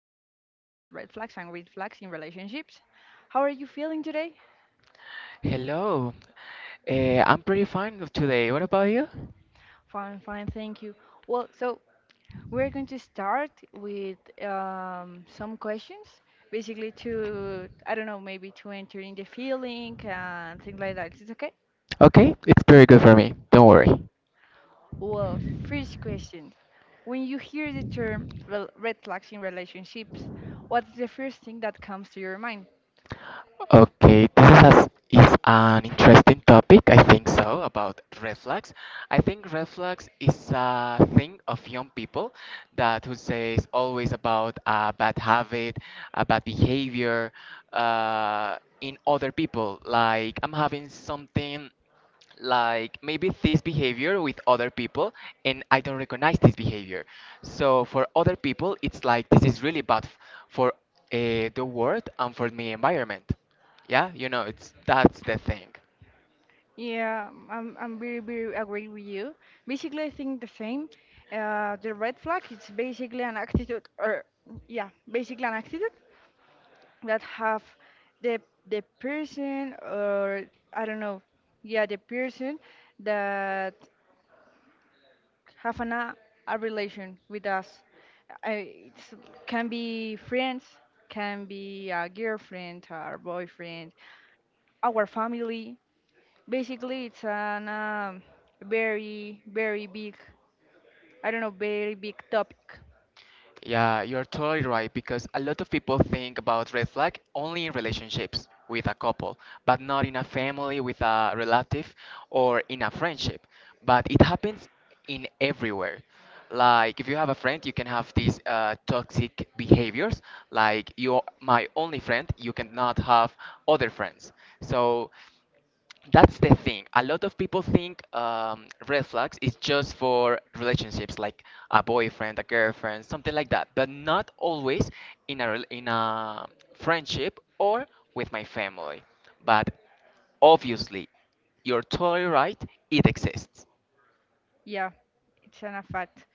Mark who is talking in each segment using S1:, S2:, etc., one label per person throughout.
S1: we are talking about red flags and red flags in relationships. How are you feeling today?
S2: Hello, uh, I'm pretty fine today. What about you?
S1: Fine, fine, thank you. Well, so we're going to start with some questions, basically to, I don't know, maybe to enter in the feeling and things like that. Is it okay?
S2: Okay, it's pretty good for me. Don't worry.
S1: Well, first question. When you hear the term red flags in relationships, what's the first thing that comes to your mind?
S2: Okay, this is, as, is an interesting topic, I think so, about red flags. I think red flags is a thing of young people that who says always about a bad habit, a bad behavior in other people. Like I'm having something like maybe this behavior with other people and I don't recognize this behavior, so for other people it's like this is really for the world and for my environment, yeah. you know it's That's the thing.
S1: Yeah, I'm very agree with you. Basically, I think the same. The red flag it's basically an attitude, or yeah, basically an attitude that have the the person or I don't know, yeah, the person that have an, a relation with us. It can be friends, can be a girlfriend, our boyfriend, our family. Basically, it's an very, very big, I don't know, very big topic.
S2: Yeah, you're totally right because a lot of people think about red flag only in relationships with a couple, but not in a family with a relative or in a friendship. But it happens in everywhere. Like if you have a friend, you can have these toxic behaviors. Like you're my only friend, you cannot have other friends. So. That's the thing. A lot of people think red flags is just for relationships, like a boyfriend, a girlfriend, something like that, but not always in a friendship or with my family. But obviously, you're totally right. It exists.
S1: Yeah, it's an a fact.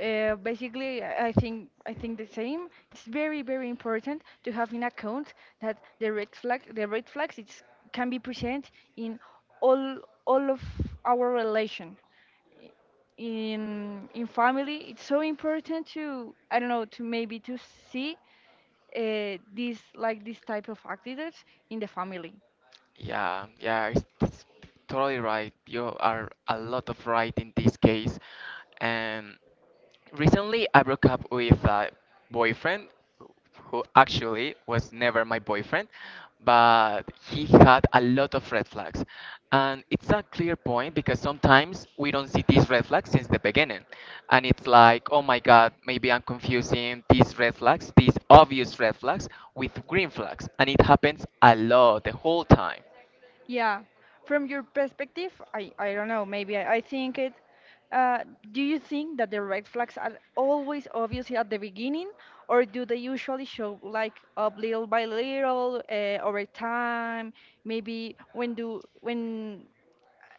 S1: Basically, I think the same. It's very important to have in account that the red flags can be present in all all of our relation in family. It's so important to, I don't know, to maybe to see this like this type of activities in the family.
S2: Yeah, yeah, it's totally right. You are a lot of right in this case. And recently, I broke up with a boyfriend who actually was never my boyfriend, but he had a lot of red flags. And it's a clear point because sometimes we don't see these red flags since the beginning. And it's like, oh my God, maybe I'm confusing these red flags, these obvious red flags, with green flags. And it happens a lot the whole time.
S1: Yeah. From your perspective, I don't know, maybe I think it. Uh, do you think that the red flags are always obvious at the beginning, or do they usually show like up little by little over time? Maybe when do when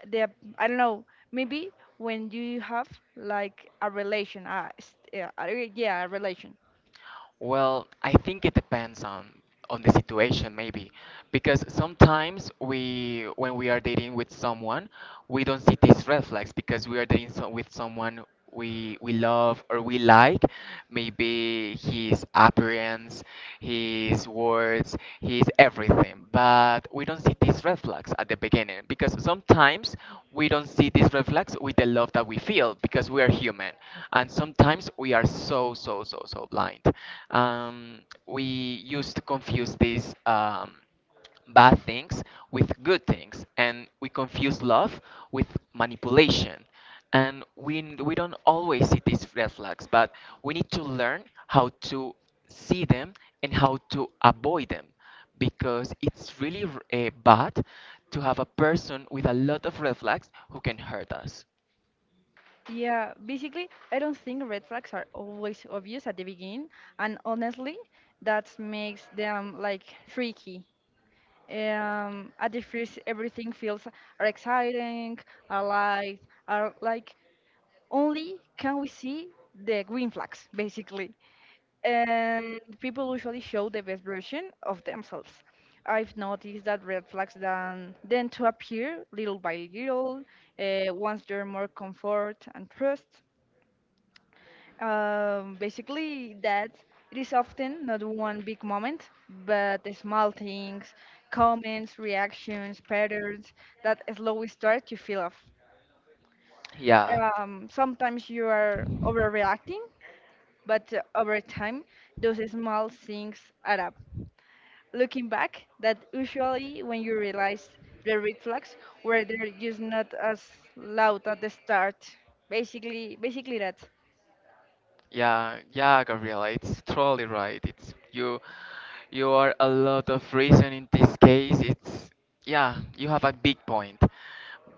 S1: the, I don't know, maybe when you have like a relation, a yeah, a relation.
S2: Well, I think it depends on the situation maybe because sometimes we when we are dating with someone, we don't see these red flags because we are dating so with someone we love or we like, maybe his appearance, his words, his everything, but we don't see these red flags at the beginning because sometimes we don't see these red flags with the love that we feel because we are human and sometimes we are so so so so blind. um, we used to confuse this bad things with good things, and we confuse love with manipulation, and we don't always see these red flags, but we need to learn how to see them and how to avoid them because it's really bad to have a person with a lot of red flags who can hurt us.
S1: Yeah, basically, I don't think red flags are always obvious at the beginning, and honestly, that makes them like tricky. At the first, everything feels are exciting, are light, are like only can we see the green flags, basically. And people usually show the best version of themselves. I've noticed that red flags then to appear little by little, once they're more comfort and trust. Basically, that it is often not one big moment, but the small things, comments, reactions, patterns that slowly start to feel off.
S2: Yeah.
S1: Sometimes you are overreacting, but over time, those small things add up. Looking back, that usually when you realize the red flags were they're just not as loud at the start. Basically that,
S2: Yeah, yeah, Gabriela, it's totally right. It's you, you are a lot of reason in this case. It's, yeah, you have a big point.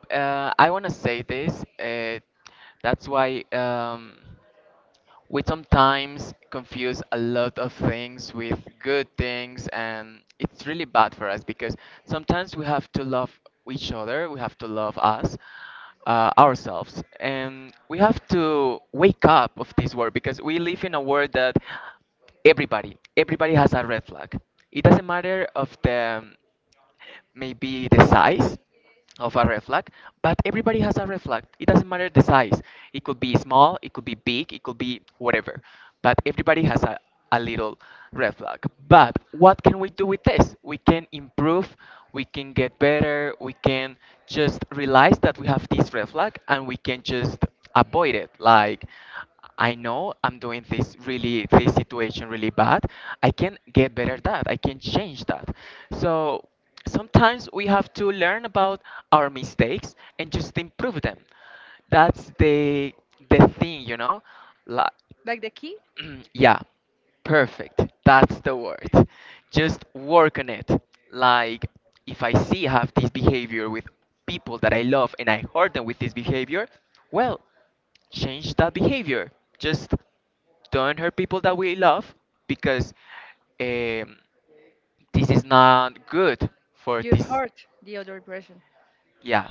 S2: I wanna say this. That's why, we sometimes confuse a lot of things with good things, and it's really bad for us because sometimes we have to love each other, we have to love us, ourselves, and we have to wake up of this world because we live in a world that everybody, everybody has a red flag. It doesn't matter of the maybe the size of a red flag, but everybody has a red flag. It doesn't matter the size. It could be small, it could be big, it could be whatever. But everybody has a little red flag. But what can we do with this? We can improve, we can get better, we can just realize that we have this red flag and we can just avoid it. Like, I know I'm doing this really this situation really bad. I can get better at that. I can change that. So sometimes we have to learn about our mistakes and just improve them. That's the thing, you know. Like
S1: like the key,
S2: yeah, perfect. That's the word. Just work on it. Like, if I see I have this behavior with people that I love and I hurt them with this behavior, well, change that behavior. Just don't hurt people that we love because, um, this is not good for
S1: you
S2: this.
S1: hurt the other person.
S2: Yeah.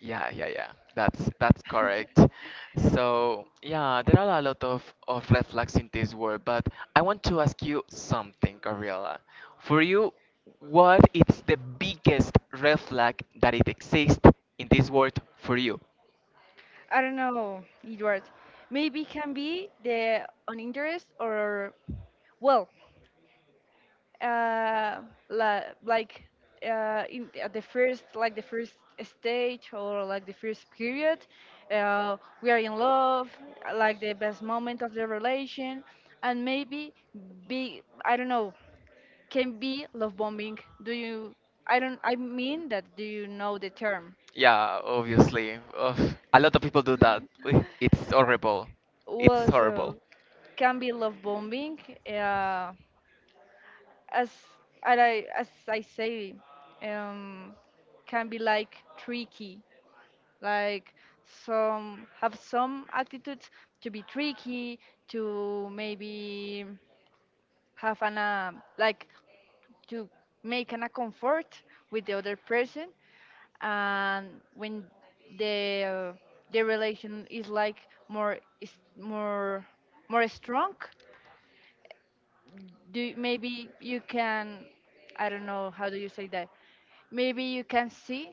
S2: Yeah, yeah, yeah. That's correct. So yeah, there are a lot of red flags in this world, but I want to ask you something, Gabriela. For you, what is the biggest red flag that it exists in this world for you?
S1: I don't know, Edward. Maybe it can be the uninterest or well, uh, like at the first, like the first stage or like the first period, uh, we are in love, like the best moment of the relation, and maybe be I don't know, can be love bombing. Do you? I don't. I mean that. Do you know the term?
S2: Yeah, obviously. Ugh, a lot of people do that. It's horrible. It's
S1: Well,
S2: horrible.
S1: so can be love bombing. Uh, as and I as I say, um, can be like tricky. Like some have some attitudes to be tricky, to maybe have an like to make an a comfort with the other person, and when the uh, the relation is like more is more more strong, do maybe you can I don't know how do you say that maybe you can see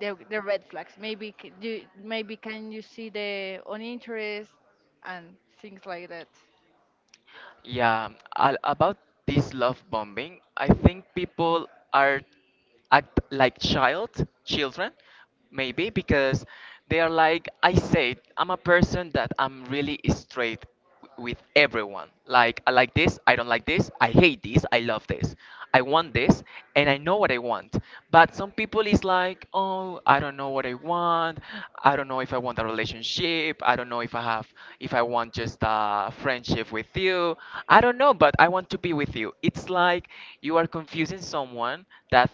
S1: the red flags. Maybe do maybe can you see the uninterest and things like that.
S2: Yeah, about this love bombing, I think people are act like child, children, maybe because they are like, I said, I'm a person that I'm really straight with everyone. Like, I like this, I don't like this, I hate this, I love this, I want this, and I know what I want. But some people is like, oh, I don't know what I want. I don't know if I want a relationship. I don't know if I have if I want just a friendship with you. I don't know, but I want to be with you. It's like you are confusing someone that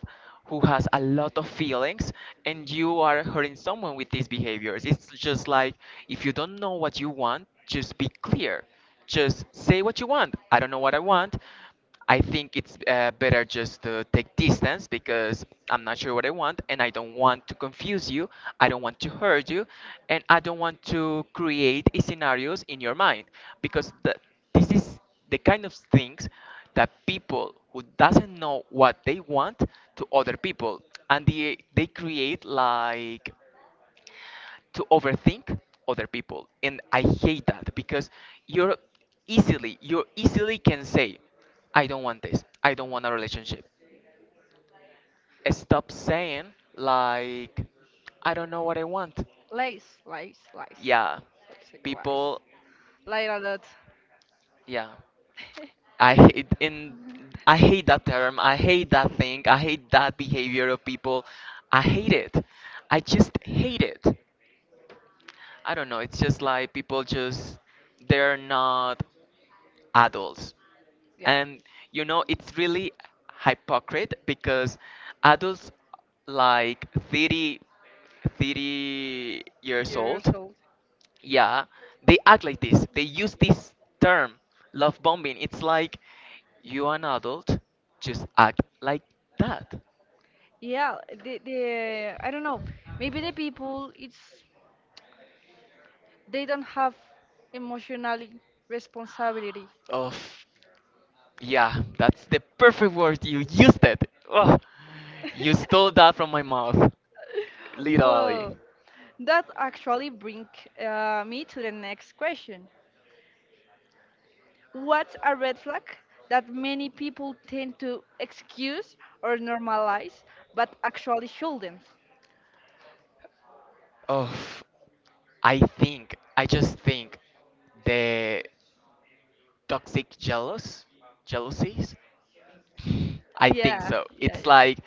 S2: who has a lot of feelings, and you are hurting someone with these behaviors. It's just like if you don't know what you want, just be clear. Just say what you want. I don't know what I want, I think it's, better just to take distance because I'm not sure what I want and I don't want to confuse you. I don't want to hurt you and I don't want to create scenarios in your mind because this is the kind of things that people who doesn't know what they want to other people and they create like to overthink other people, and I hate that because you're easily you easily can say I don't want this, I don't want a relationship. Stop saying like, I don't know what I want.
S1: Lies, lies, lies.
S2: Yeah.
S1: Absolute lies.
S2: People.
S1: Lie a lot.
S2: Yeah. I hate in I hate that term. I hate that thing. I hate that behavior of people. I hate it. I just hate it. I don't know. It's just like people just they're not adults.
S1: Yeah,
S2: And you know, it's really hypocrite because adults like 30 30 years
S1: years
S2: old,
S1: old.
S2: yeah, they act like this. They use this term, love bombing. It's like you are an adult, just act like that.
S1: Yeah, the I don't know. Maybe the people it's they don't have emotional responsibility.
S2: Oof. Yeah, that's the perfect word. You used it. Oh, you stole that from my mouth. Literally.
S1: Well, that actually bring me to the next question. What's a red flag that many people tend to excuse or normalize, but actually shouldn't?
S2: Oh, I think, I just think the toxic jealous, jealousies I think
S1: Yeah,
S2: so.
S1: yeah,
S2: It's
S1: yeah.
S2: like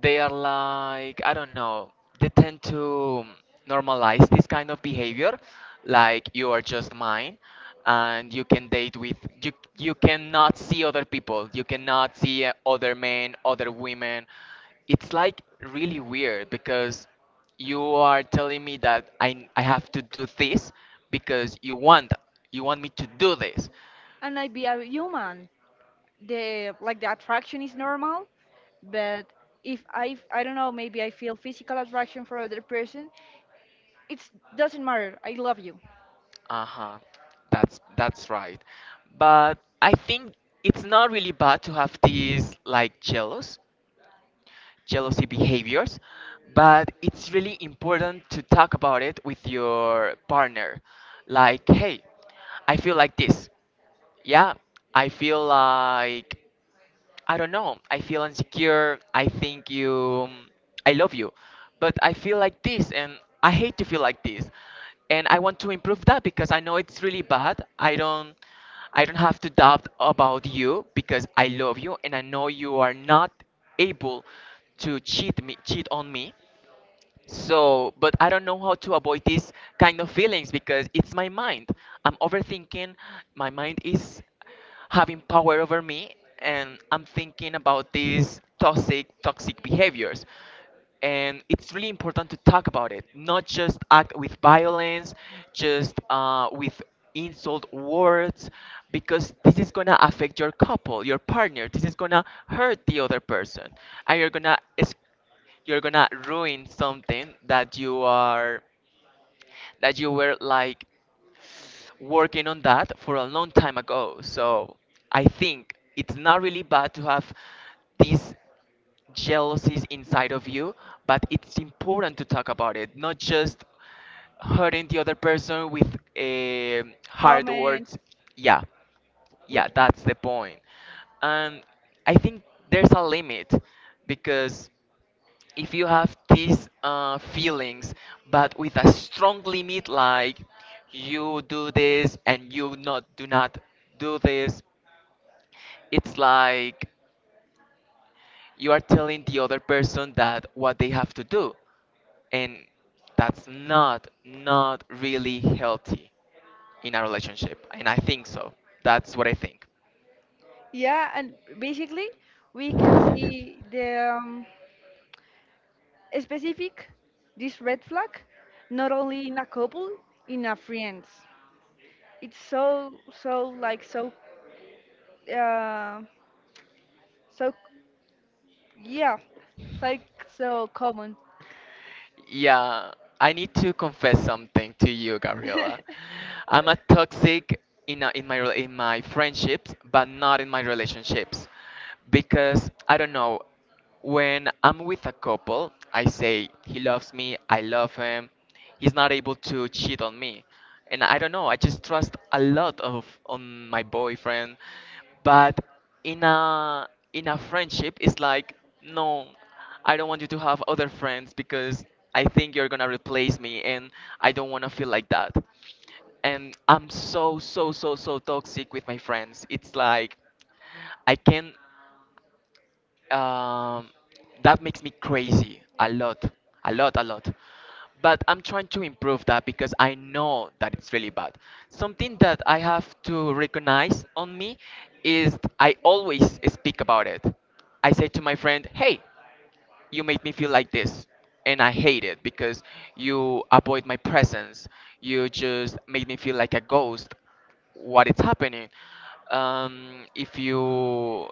S2: they are like, I don't know, they tend to normalize this kind of behavior. Like you are just mine and you can date with you cannot see other people. You cannot see other men, other women. It's like really weird because you are telling me that I have to do this because you want me to do this.
S1: And I be a human. The attraction is normal, but if I I don't know, maybe I feel physical attraction for other person, it doesn't matter. I love you.
S2: Uh-huh. That's right. But I think it's not really bad to have these like jealousy behaviors, but it's really important to talk about it with your partner. Like, hey, I feel like this. Yeah, I feel like I don't know. I feel insecure. I think you. I love you. But I feel like this, and I hate to feel like this. And I want to improve that because I know it's really bad. I don't. I don't have to doubt about you because I love you and I know you are not able to cheat on me. So, but I don't know how to avoid these kind of feelings because it's my mind. I'm overthinking. My mind is having power over me, and I'm thinking about these toxic behaviors. And it's really important to talk about it, not just act with violence, just with insult words, because this is gonna affect your couple, your partner. This is gonna hurt the other person, and you're gonna ruin something that you are that you were like working on that for a long time ago. So I think it's not really bad to have these jealousies inside of you, but it's important to talk about it, not just hurting the other person with hard
S1: Comments
S2: words. Yeah,
S1: with
S2: yeah, that's the point. And I think there's a limit because if you have these feelings but with a strong limit like you do this and you not do not do this, it's like you are telling the other person that what they have to do, and that's not really healthy in a relationship, and I think so, that's what I think.
S1: yeah, and basically we can see the specific, this red flag, not only in a couple, in a friends. It's so like so uh so yeah, it's like so common.
S2: Yeah, I need to confess something to you, Gabriela. I'm a toxic in my in my friendships, but not in my relationships, because I don't know. When I'm with a couple, I say he loves me, I love him. He's not able to cheat on me, and I don't know. I just trust a lot of on my boyfriend, but in a in a friendship, it's like no. I don't want you to have other friends because I think you're gonna replace me and I don't wanna feel like that. And I'm so, so, so, so toxic with my friends. It's like I can, um, that makes me crazy a lot, a lot, a lot. But I'm trying to improve that because I know that it's really bad. Something that I have to recognize on me is I always speak about it. I say to my friend, "Hey, you made me feel like this, and I hate it because you avoid my presence. You just made me feel like a ghost. What is happening? um, if you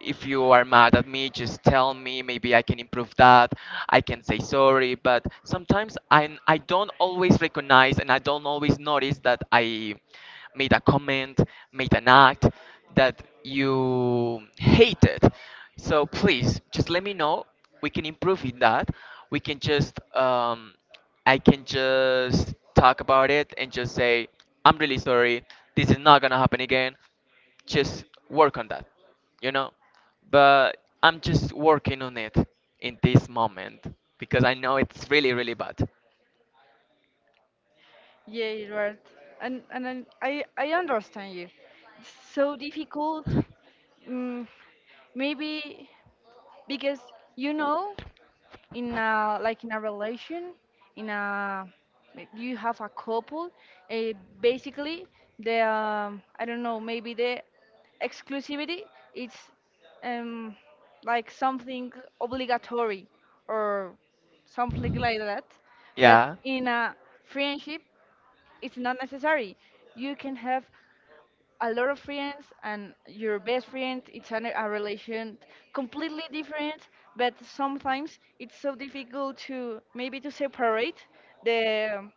S2: if you are mad at me, just tell me. Maybe I can improve that. I can say sorry, but sometimes I don't always recognize, and I don't always notice that I made a comment, made an act that you hated. So please just let me know. We can improve in that. We can just I can just talk about it and just say, I'm really sorry, this is not gonna happen again. Just work on that you know but I'm just working on it in this moment because I know it's really, really bad."
S1: Yeah, you're right. And then I understand you. It's so difficult. Mm, Maybe because you know in a like in a relation in a you have a couple uh, basically the I don't know, maybe the exclusivity it's um like something obligatory or something like that. But
S2: Yeah.
S1: in a friendship it's not necessary. You can have a lot of friends and your best friend it's an, a relation completely different. But sometimes it's so difficult to maybe to separate the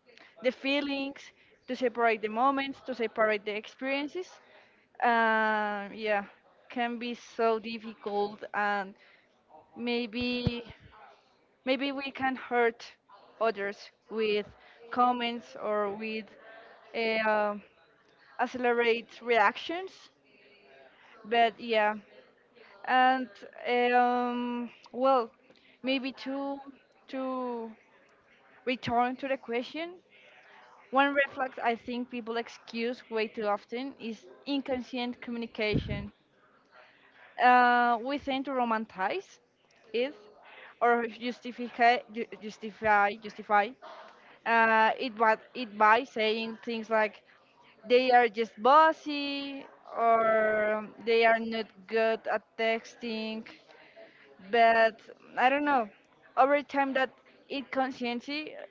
S1: the feelings, to separate the moments, to separate the experiences, yeah, can be so difficult, and maybe maybe we can hurt others with comments or with uh, accelerate reactions. But yeah, and well, maybe to return to the question, one red flag I think people excuse way too often is inconscient communication. We tend to romanticize it or justify ju- justify justify it by, it by saying things like they are just bossy or they are not good at texting. But I don't know, over time that it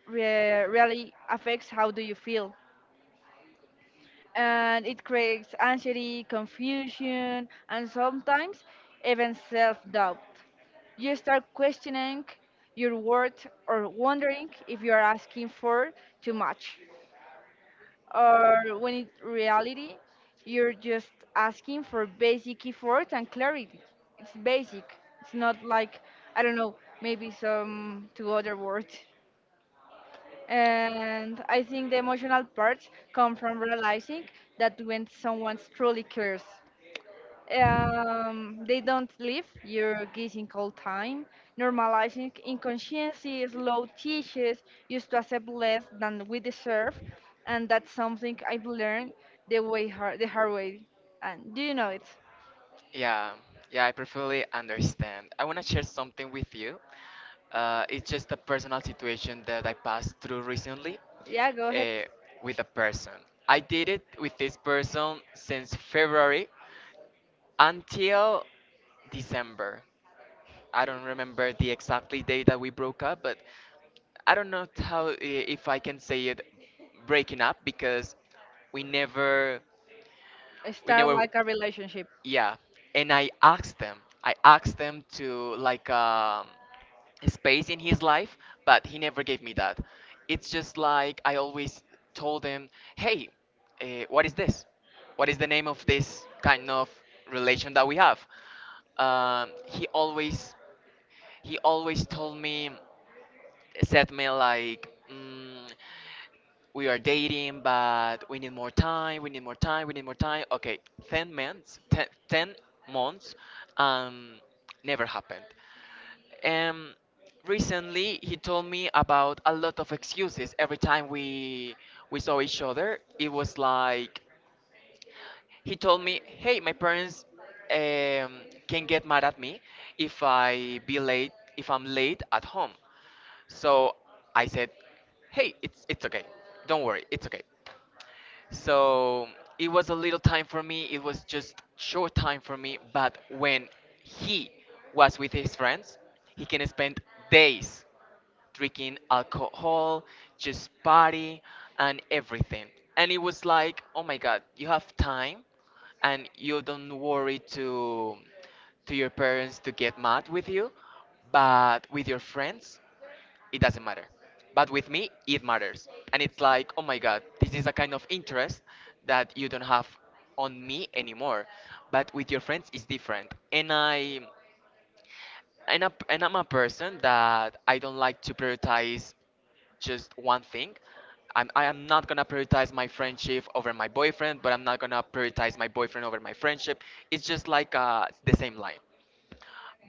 S1: really affects how do you feel, and it creates anxiety, confusion, and sometimes even self-doubt. You start questioning your worth or wondering if you are asking for too much, or when in reality you're just asking for basic effort and clarity. It's basic. It's not like I don't know, maybe some two other words. And I think the emotional parts come from realizing that when someone truly cares. They don't live your guessing all time. Normalizing inconsciency, slow teaches us to accept less than we deserve, and that's something I've learned the way hard, the hard way. And do you know it?
S2: Yeah, yeah, I perfectly understand. I want to share something with you. It's just a personal situation that I passed through recently
S1: Yeah, go ahead.
S2: uh, with a person. I did it with this person since February until December. I don't remember the exactly day that we broke up, but I don't know if I can say it breaking up because we never we
S1: Start
S2: never
S1: like a relationship.
S2: Yeah. And I asked them to like space in his life. But he never gave me that. It's just like, I always told him, "Hey, uh, what is this what is the name of this kind of relation that we have?" Um, he always he always told me, said me like, "We are dating, but we need more time. We need more time. We need more time. Okay, 10 months, 10 months, um, never happened." Um, Recently, he told me about a lot of excuses. Every time we saw each other, it was like he told me, "Hey, my parents um, can get mad at me if I'm late at home." So I said, "Hey, it's okay. Don't worry, it's okay." So it was a little time for me. It was just short time for me. But when he was with his friends, he can spend days drinking alcohol, just party and everything. And it was like, oh my God, you have time and you don't worry to your parents to get mad with you, but with your friends, it doesn't matter. But with me, it matters. And it's like, oh my God, this is a kind of interest that you don't have on me anymore. But with your friends, it's different. And I'm a person that I don't like to prioritize just one thing. I am not gonna prioritize my friendship over my boyfriend, but I'm not gonna prioritize my boyfriend over my friendship. It's just like the same line.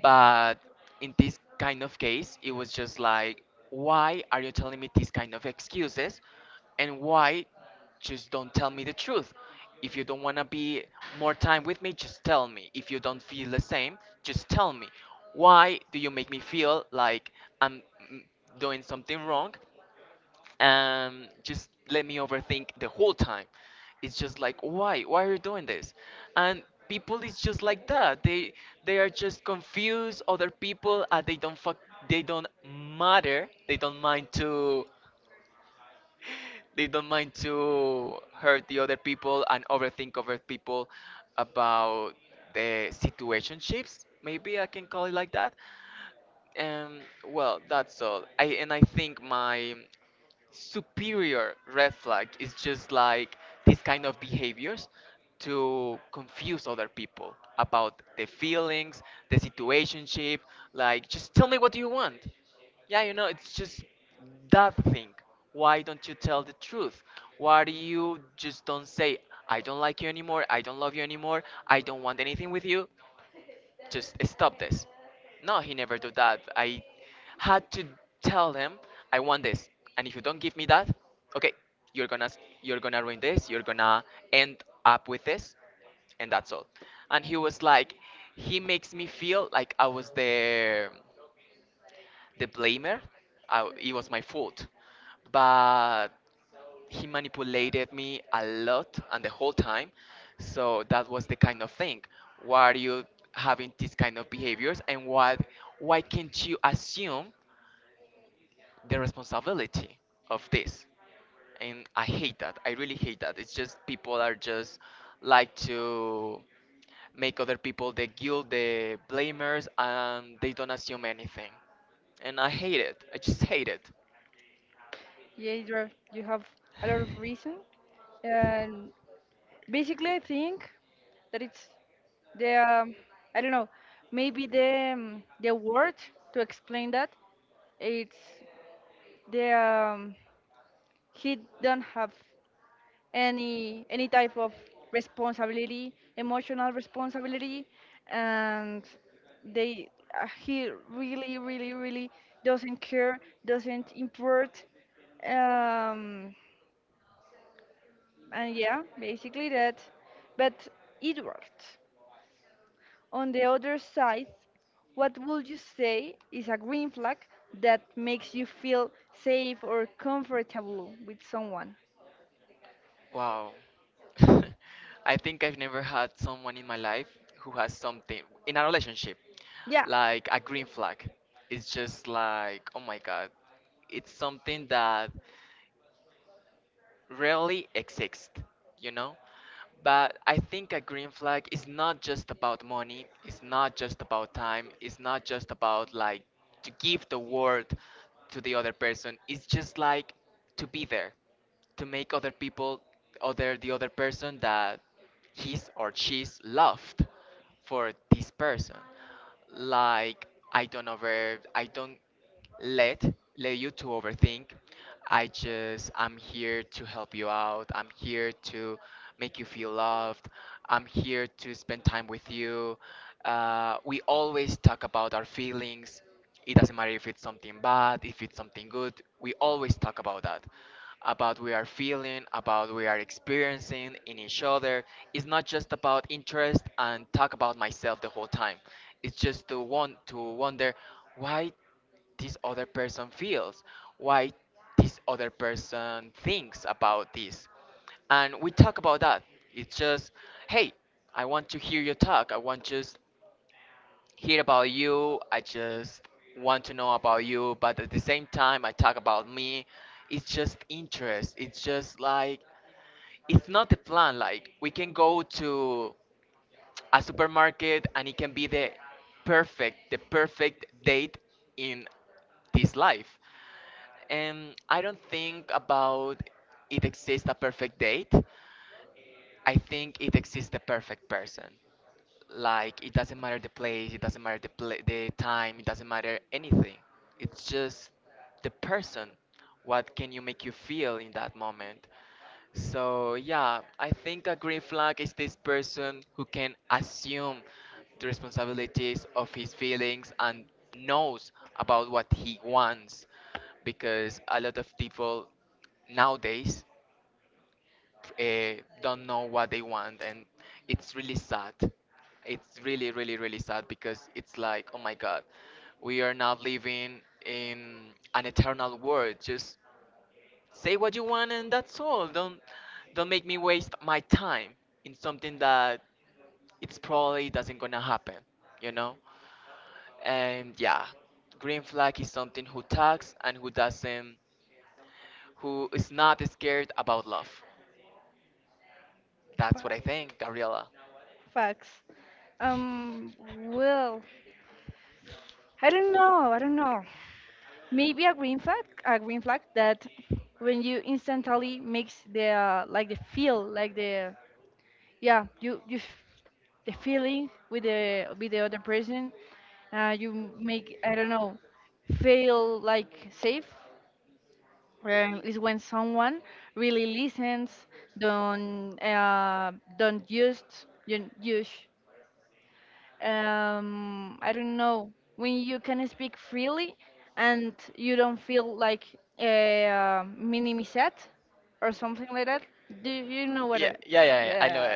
S2: But in this kind of case, it was just like, why are you telling me these kind of excuses? And why just don't tell me the truth? If you don't want to be more time with me, just tell me. If you don't feel the same, just tell me. Why do you make me feel like I'm mm, doing something wrong, just let me overthink the whole time? It's just like, why? Why are you doing this? And people is just like that. They are just confused. Other people, they don't matter. They don't mind to hurt the other people and overthink other people about the situationships. Maybe I can call it like that. Well, that's all. I think my superior red flag is just like these kind of behaviors to confuse other people about the feelings, the situationship. Like, just tell me what you want. Yeah, it's just that thing. Why don't you tell the truth? Why do you just don't say, I don't like you anymore, I don't love you anymore, I don't want anything with you? Just stop this. No, he never do that. I had to tell him, I want this, and if you don't give me that, okay, you're gonna you're gonna ruin this. You're gonna end up with this, and that's all. And he was like, he makes me feel like I was there, the blamer. It was my fault, but he manipulated me a lot and the whole time. So that was the kind of thing. Why are you having these kind of behaviors, and why can't you assume the responsibility of this? And I hate that. I really hate that. It's just, people are just like to make other people the guilt, the blamers, and they don't assume anything. And I hate it. I just hate it.
S1: Yeah, Idra, you have a lot of reason. And basically, I think that it's the I don't know, maybe the word to explain that it's the he don't have any type of responsibility, emotional responsibility, and they he really really really doesn't care, doesn't import. Um, and yeah, basically that. But Edward, on the other side, what would you say is a green flag that makes you feel safe or comfortable with someone?
S2: Wow. I think I've never had someone in my life who has something in a relationship
S1: Yeah.
S2: like a green flag. It's just like, oh my God, it's something that rarely exist, you know? But I think a green flag is not just about money, it's not just about time, it's not just about like to give the word to the other person, it's just like to be there, to make other people other the other person that he's or she's loved for this person. Like, I don't let let you to overthink. I'm here to help you out. I'm here to make you feel loved. I'm here to spend time with you. We always talk about our feelings. It doesn't matter if it's something bad, if it's something good. We always talk about that, about we are feeling, about we are experiencing in each other. It's not just about interest and talk about myself the whole time. It's just to want to wonder why this other person feels, why this other person thinks about this. And we talk about that. It's just, hey, I want to hear you talk. I want just hear about you. I just want to know about you, but at the same time, I talk about me. It's just interest. It's just like, it's not the plan. Like, we can go to a supermarket and it can be the perfect date in this life. And I don't think about it exists a perfect date. I think it exists the perfect person. Like, it doesn't matter the place, it doesn't matter the time, it doesn't matter anything. It's just the person. What can you make you feel in that moment? So yeah, I think a green flag is this person who can assume the responsibilities of his feelings and knows about what he wants, because a lot of people nowadays don't know what they want, and it's really sad. It's really, really, really sad because it's like, oh my God, we are not living in an eternal world. Just say what you want, and that's all. Don't make me waste my time in something that it's probably doesn't gonna happen you know and yeah, green flag is something who talks and who is not scared about love. That's
S1: Fa-
S2: what I think, Gabriela.
S1: Facts. Um, well, I don't know. I don't know. Maybe a green flag that when you instantly mix the like the feel, like the yeah, the feeling with the other person, you make I don't know, feel like safe. Is when someone really listens, don't uh, don't use I don't know, when you can speak freely and you don't feel like a minimized or something like that. Do you
S2: Know.
S1: know what
S2: Yeah,
S1: I,
S2: that? Yeah, yeah, yeah, I. Yeah. Know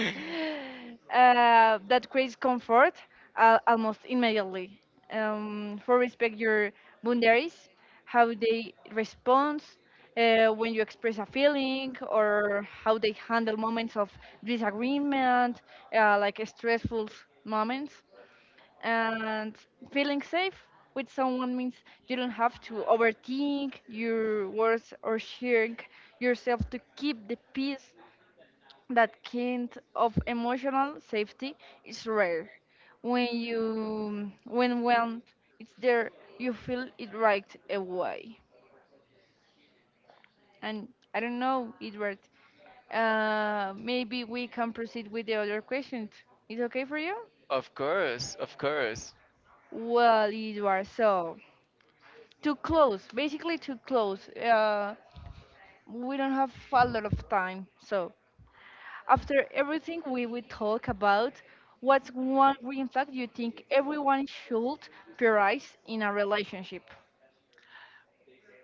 S2: it.
S1: That creates comfort, almost immediately. For respect your boundaries, how they respond, when you express a feeling or how they handle moments of disagreement, like stressful moments. And feeling safe with someone means you don't have to overthink your words or sharing yourself to keep the peace. That kind of emotional safety is rare. When it's there, you feel it right away. And I don't know, Edward. Maybe we can proceed with the other questions. Is okay for you?
S2: Of course, of course.
S1: Well, Edward, so to close, basically to close, we don't have a lot of time. So after everything we will talk about, what's one green flag you think everyone should prioritize in a relationship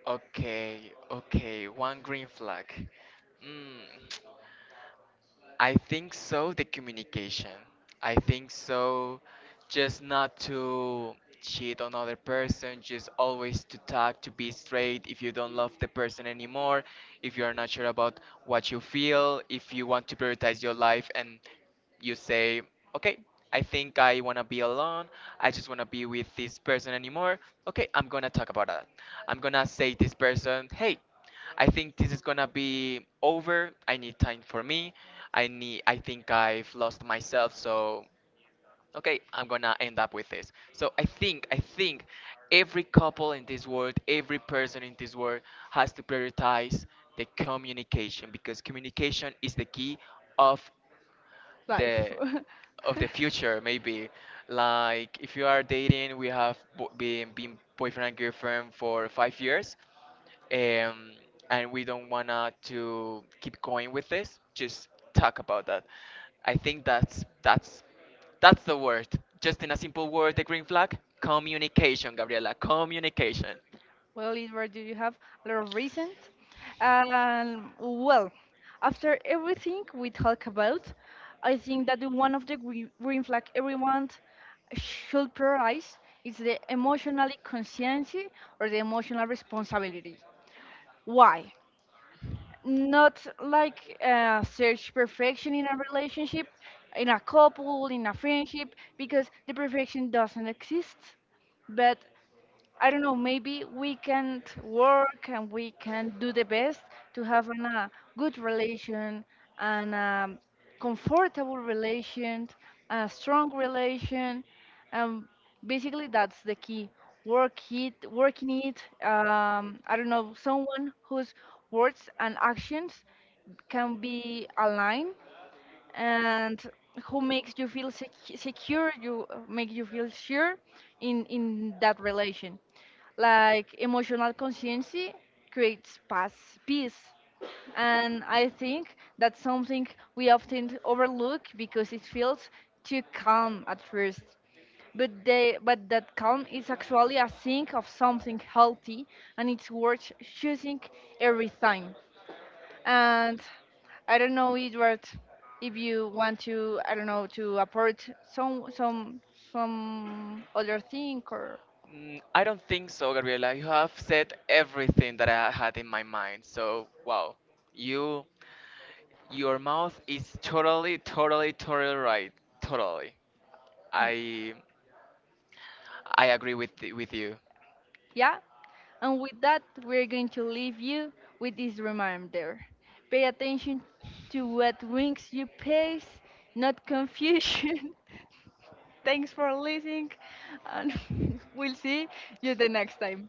S2: Okay, okay, one green flag. Mm. I think so, the communication. I think so, just not to cheat on other person, just always to talk, to be straight. If you don't love the person anymore, if you are not sure about what you feel, if you want to prioritize your life and you say, okay, I think I want to be alone. I just want to be with this person anymore. Okay, I'm going to talk about that. I'm going to say this person, hey, I think this is gonna be over. I need time for me. I think I've lost myself, so okay, I'm gonna end up with this. So I think every couple in this world, every person in this world has to prioritize the communication, because communication is the key of
S1: life?
S2: the the future maybe. Like, if you are dating, we have been boyfriend and girlfriend for 5 years, um, and we don't wanna to keep going with this, just talk about that. I think that's the word. Just in a simple word, the green flag: communication, Gabriela, communication.
S1: Well, Edward, do you have a lot of reason? Well, after everything we talk about, I think that the one of the green flag everyone should prioritize is the emotional conscience or the emotional responsibility. Why? Not like search perfection in a relationship, in a couple, in a friendship, because the perfection doesn't exist. But I don't know, maybe we can work and we can do the best to have a good relation and a comfortable relation, a strong relation. Um, basically, that's the key. Work it, working it. I don't know, someone whose words and actions can be aligned and who makes you feel secure, you make you feel sure in that relation. Like emotional consciency creates paz, peace. And I think that's something we often overlook because it feels too calm at first, but they but that calm is actually a sign of something healthy, and it's worth choosing every time. And I don't know, Edward, if you want to, I don't know, to approach some other thing or
S2: Mm, I don't think so, Gabriela. You have said everything that I had in my mind. So, wow, you your mouth is totally, totally, totally right. Totally. I I agree with you.
S1: yeah. And with that, we're going to leave you with this reminder: pay attention to what brings you peace, not confusion. Thanks for listening, and we'll see you the next time.